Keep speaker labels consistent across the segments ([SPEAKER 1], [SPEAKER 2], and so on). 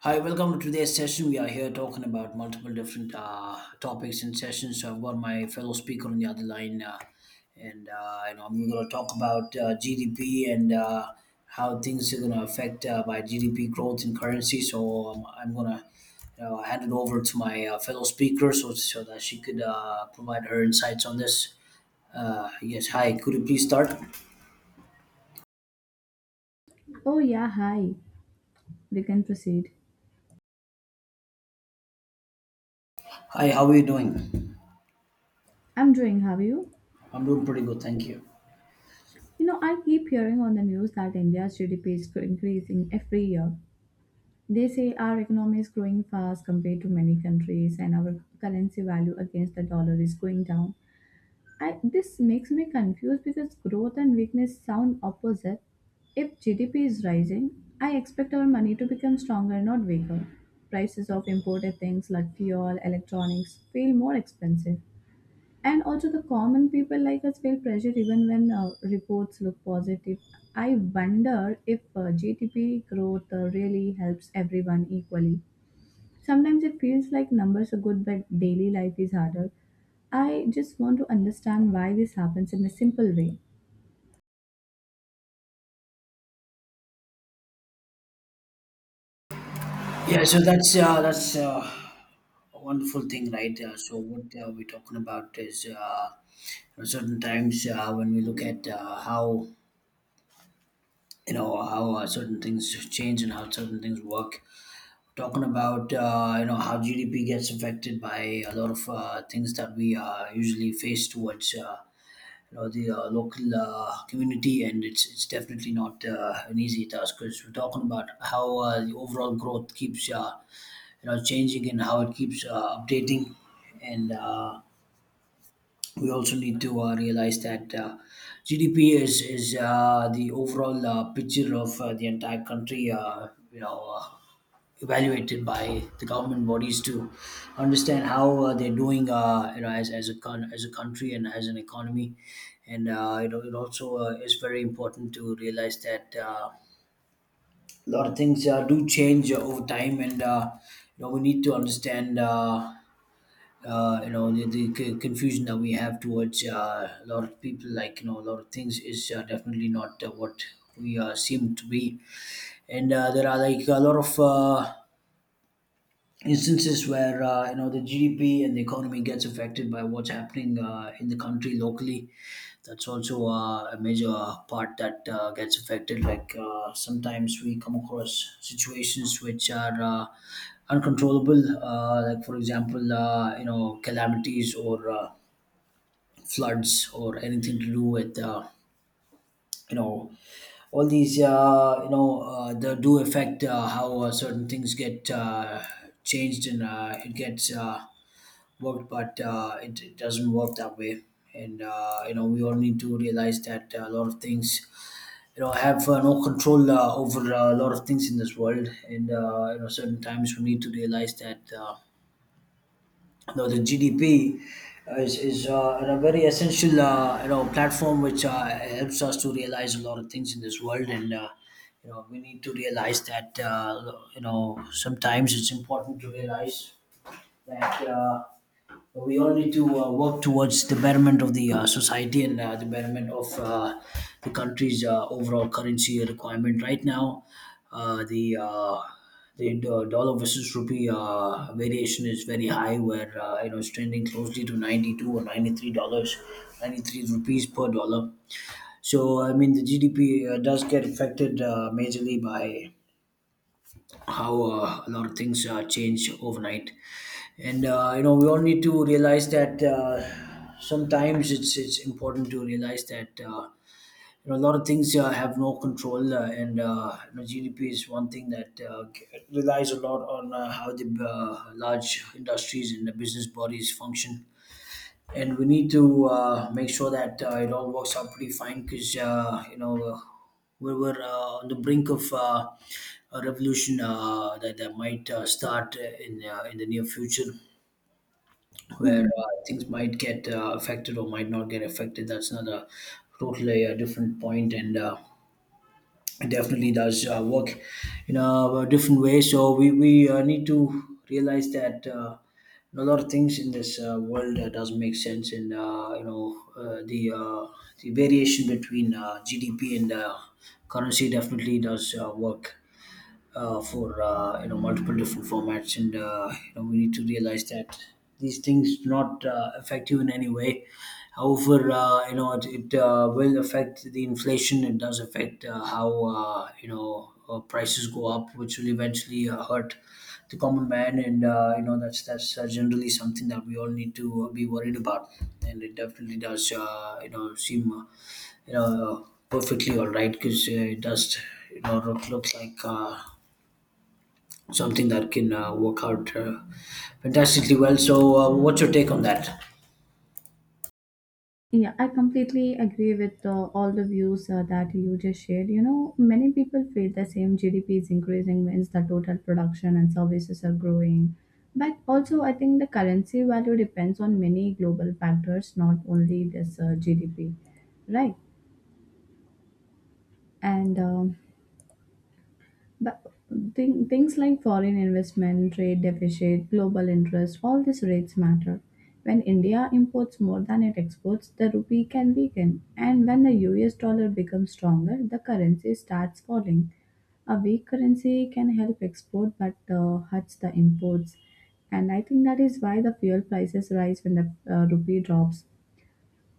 [SPEAKER 1] Hi, welcome to today's session. We are here talking about multiple different topics and sessions. So I've got my fellow speaker on the other line, and I'm going to talk about GDP and how things are going to affect by GDP growth and currency. So I'm going to hand it over to my fellow speaker so that she could provide her insights on this. Yes, hi. Could you please start?
[SPEAKER 2] Oh, yeah, hi. We can proceed.
[SPEAKER 1] Hi, how are you doing?
[SPEAKER 2] I'm doing, have you?
[SPEAKER 1] I'm doing pretty good, thank you.
[SPEAKER 2] You know, I keep hearing on the news that India's GDP is increasing every year. They say our economy is growing fast compared to many countries and our currency value against the dollar is going down. I, this makes me confused because growth and weakness sound opposite. If GDP is rising, I expect our money to become stronger, not weaker. Prices of imported things like fuel, electronics feel more expensive, and also the common people like us feel pressure even when reports look positive. I wonder if GDP growth really helps everyone equally. Sometimes it feels like numbers are good but daily life is harder. I just want to understand why this happens in a simple way.
[SPEAKER 1] Yeah, so that's a wonderful thing, right? So what we're talking about is certain times when we look at how you know how certain things change and how certain things work. Talking about how GDP gets affected by a lot of things that we usually face towards the local community, and it's definitely not an easy task because we're talking about how the overall growth keeps changing and how it keeps updating and we also need to realize that GDP is the overall picture of the entire country. Evaluated by the government bodies to understand how they're doing. As a country and as an economy, and it also is very important to realize that. A lot of things do change over time, and we need to understand the confusion that we have towards a lot of people like a lot of things is definitely not what we seem to be and there are like a lot of instances where the GDP and the economy gets affected by what's happening in the country locally. That's also a major part that gets affected. Like sometimes we come across situations which are uncontrollable. Like for example, calamities or floods or anything to do with. Uh, you know all these they do affect how certain things get changed and it gets worked but it doesn't work that way and we all need to realize that a lot of things have no control over a lot of things in this world and certain times we need to realize that the GDP is a very essential platform which helps us to realize a lot of things in this world and we need to realize that sometimes it's important to realize that we all need to work towards the betterment of the society and the betterment of the country's overall currency requirement. Right now, uh, the uh, the dollar versus rupee variation is very high, where it's trending closely to $92 or $93, 93 rupees per dollar. So I mean, the GDP does get affected majorly by how a lot of things change overnight and we all need to realize that sometimes it's important to realize that a lot of things have no control and GDP is one thing that relies a lot on how the large industries and the business bodies function and we need to make sure that it all works out pretty fine because we were on the brink of a revolution that might start in the near future where
[SPEAKER 2] Hmm.
[SPEAKER 1] things might get affected or might not get affected. That's another totally yeah, different point, and it definitely does work in a different way. So we need to realize that. A lot of things in this world doesn't make sense, and the variation between GDP and currency definitely does work for multiple different formats, and we need to realize that these things do not affect you in any way. However, it will affect the inflation. It does affect how prices go up, which will eventually hurt the common man, and that's generally something that we all need to be worried about. And it definitely does, seem perfectly all right because it does look like. Something that can work out fantastically well. So, what's your take on that?
[SPEAKER 2] Yeah, I completely agree with all the views that you just shared. You know, many people feel the same. GDP is increasing means the total production and services are growing. But also, I think the currency value depends on many global factors, not only this GDP, right? And But thing, things like foreign investment, trade deficit, global interest, all these rates matter. When India imports more than it exports, the rupee can weaken. And when the US dollar becomes stronger, the currency starts falling. A weak currency can help export but hurts the imports. And I think that is why the fuel prices rise when the rupee drops.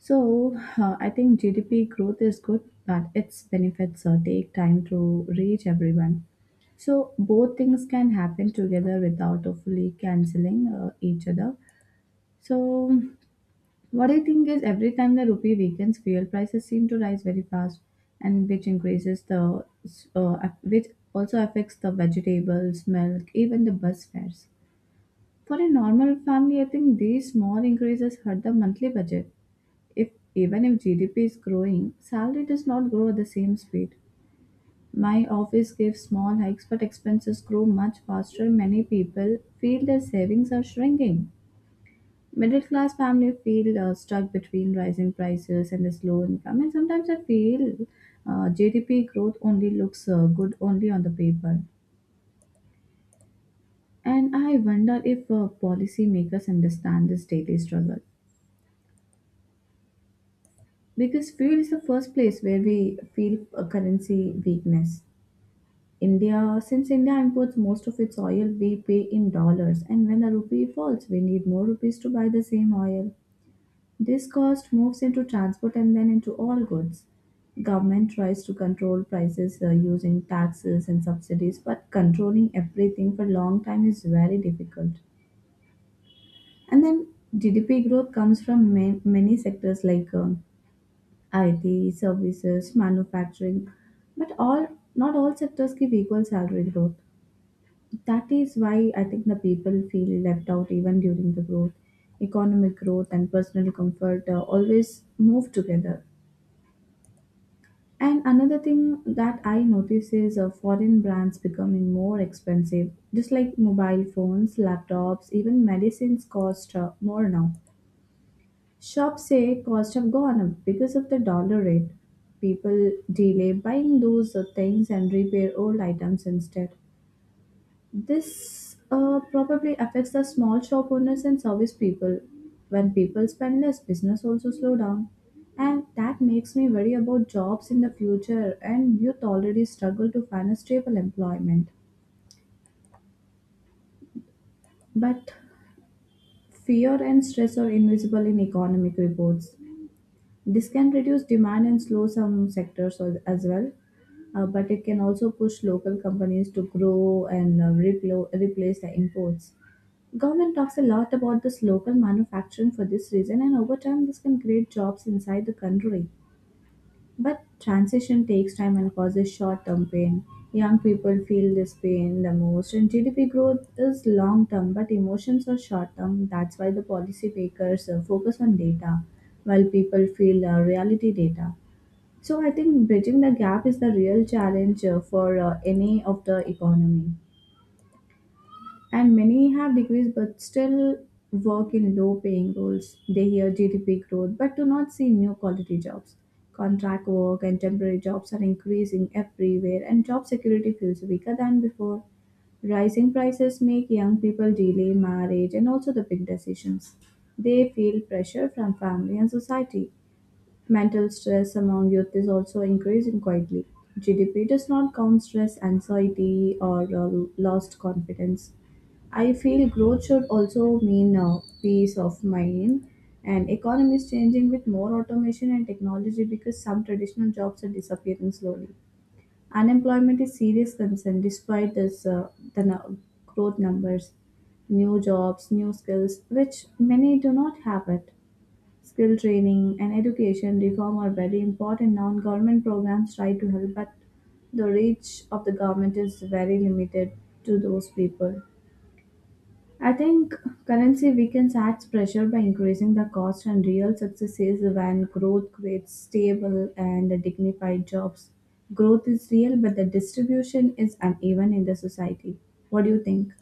[SPEAKER 2] So, I think GDP growth is good, but its benefits take time to reach everyone. So, both things can happen together without of fully cancelling each other. So, what I think is every time the rupee weakens, fuel prices seem to rise very fast, and which increases the which also affects the vegetables, milk, even the bus fares. For a normal family, I think these small increases hurt the monthly budget if even if GDP is growing, salary does not grow at the same speed. My office gives small hikes, but expenses grow much faster. Many people feel their savings are shrinking. Middle class family feel stuck between rising prices and this low income, and sometimes I feel GDP growth only looks good only on the paper. And I wonder if policymakers understand this daily struggle because fuel is the first place where we feel a currency weakness. India, since India imports most of its oil, we pay in dollars, and when the rupee falls, we need more rupees to buy the same oil. This cost moves into transport and then into all goods. Government tries to control prices using taxes and subsidies, but controlling everything for long time is very difficult. And then GDP growth comes from many sectors like IT, services, manufacturing, but all not all sectors give equal salary growth. That is why I think the people feel left out even during the growth. Economic growth and personal comfort always move together. And another thing that I notice is foreign brands becoming more expensive, just like mobile phones, laptops, even medicines cost more now. Shops say costs have gone up because of the dollar rate. People delay buying those things and repair old items instead. This probably affects the small shop owners and service people. When people spend less, business also slow down. And that makes me worry about jobs in the future and youth already struggle to find a stable employment. But fear and stress are invisible in economic reports. This can reduce demand and slow some as well. But it can also push local companies to grow and replace the imports. Government talks a lot about this local manufacturing for this reason and over time this can create jobs inside the country. But transition takes time and causes short-term pain. Young people feel this pain the most and GDP growth is long-term but emotions are short-term. That's why the policy makers focus on data while people feel reality data. So I think bridging the gap is the real challenge for any of the economy. And many have degrees but still work in low paying roles. They hear GDP growth but do not see new quality jobs. Contract work and temporary jobs are increasing everywhere, and job security feels weaker than before. Rising prices make young people delay marriage and also the big decisions. They feel pressure from family and society. Mental stress among youth is also increasing quietly. GDP does not count stress, anxiety, or lost confidence. I feel growth should also mean peace of mind and economy is changing with more automation and technology because some traditional jobs are disappearing slowly. Unemployment is serious concern despite this the nu- growth numbers, new jobs, new skills which many do not have it. Skill training and education reform are very important. Non-government programs try to help, but the reach of the government is very limited to those people. I think currency weakens adds pressure by increasing the cost, and real success is when growth creates stable and dignified jobs. Growth is real, but the distribution is uneven in the society. What do you think?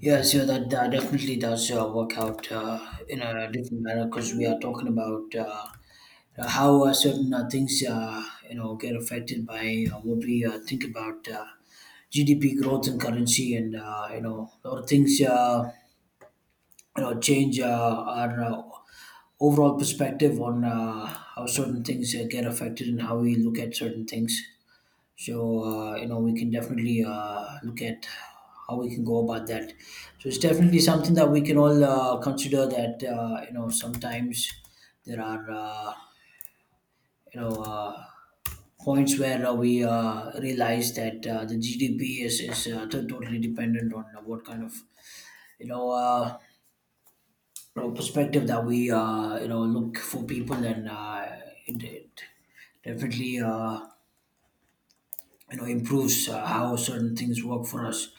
[SPEAKER 1] Yeah, so that definitely does work out in a different manner because we are talking about how certain things get affected by what we think about GDP growth and currency, and a lot of things change our overall perspective on how certain things get affected and how we look at certain things. So, we can definitely look at how we can go about that. So, it's definitely something that we can all consider that, sometimes there are, you know, uh, points where we realize that the GDP is totally dependent on what kind of, you know, uh, perspective that we, look for people and it definitely improves how certain things work for us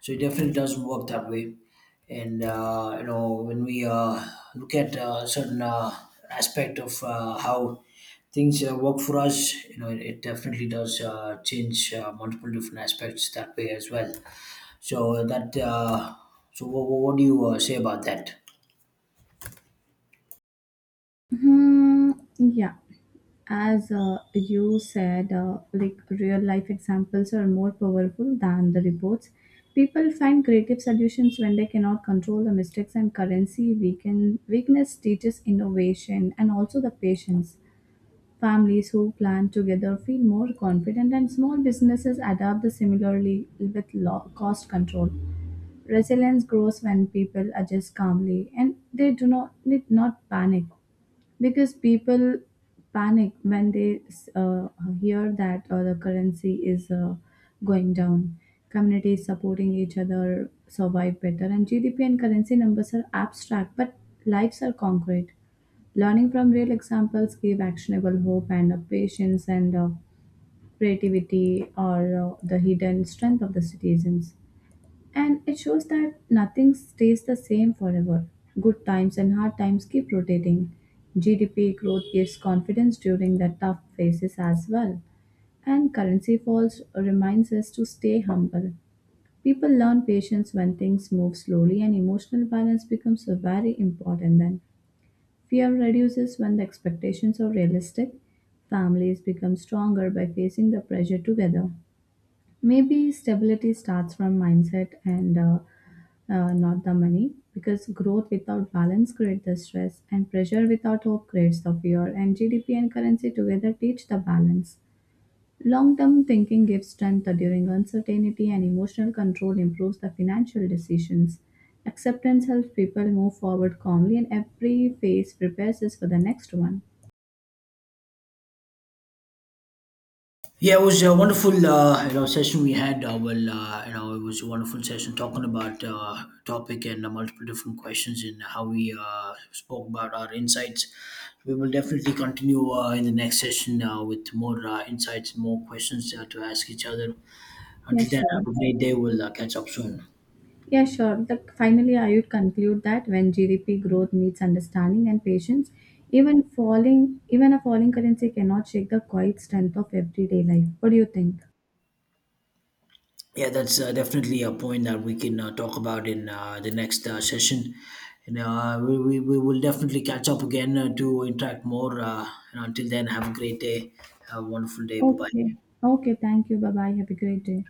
[SPEAKER 1] so it definitely doesn't work that way and when we look at certain aspect of how things work for us it definitely does change multiple different aspects that way as well so that so what do you say about that.
[SPEAKER 2] Hmm, yeah. As you said, like real life examples are more powerful than the reports. People find creative solutions when they cannot control the mistakes and currency. Weakness teaches innovation and also the patience. Families who plan together feel more confident, and small businesses adapt similarly with low cost control. Resilience grows when people adjust calmly and they do not need not panic because people panic when they uh, hear that the currency is going down. Communities supporting each other survive better, and GDP and currency numbers are abstract, but lives are concrete. Learning from real examples give actionable hope and patience and creativity or the hidden strength of the citizens. And it shows that nothing stays the same forever. Good times and hard times keep rotating. GDP growth gives confidence during the tough phases as well. And currency falls reminds us to stay humble. People learn patience when things move slowly, and emotional balance becomes very important then. Fear reduces when the expectations are realistic. Families become stronger by facing the pressure together. Maybe stability starts from mindset and not the money because growth without balance creates the stress and pressure without hope creates the fear and GDP and currency together teach the balance. Long-term thinking gives strength during uncertainty, and emotional control improves the financial decisions. Acceptance helps people move forward calmly, and every phase prepares us for the next one.
[SPEAKER 1] Yeah, it was a wonderful, session we had. Well, it was a wonderful session talking about topic and multiple different questions and how we spoke about our insights. We will definitely continue in the next session with more insights and more questions to ask each other.
[SPEAKER 2] Yeah,
[SPEAKER 1] Until then,
[SPEAKER 2] sure.
[SPEAKER 1] have a great day. We'll catch up soon.
[SPEAKER 2] Yeah, sure. Finally, I would conclude that when GDP growth meets understanding and patience, even a falling currency cannot shake the quiet strength of everyday life. What do you think?
[SPEAKER 1] Yeah, that's definitely a point that we can talk about in the next session. And we will definitely catch up again to interact more. And until then, have a great day. Have a wonderful day. Bye
[SPEAKER 2] Okay.
[SPEAKER 1] bye.
[SPEAKER 2] Okay. Thank you. Bye bye. Have a great day.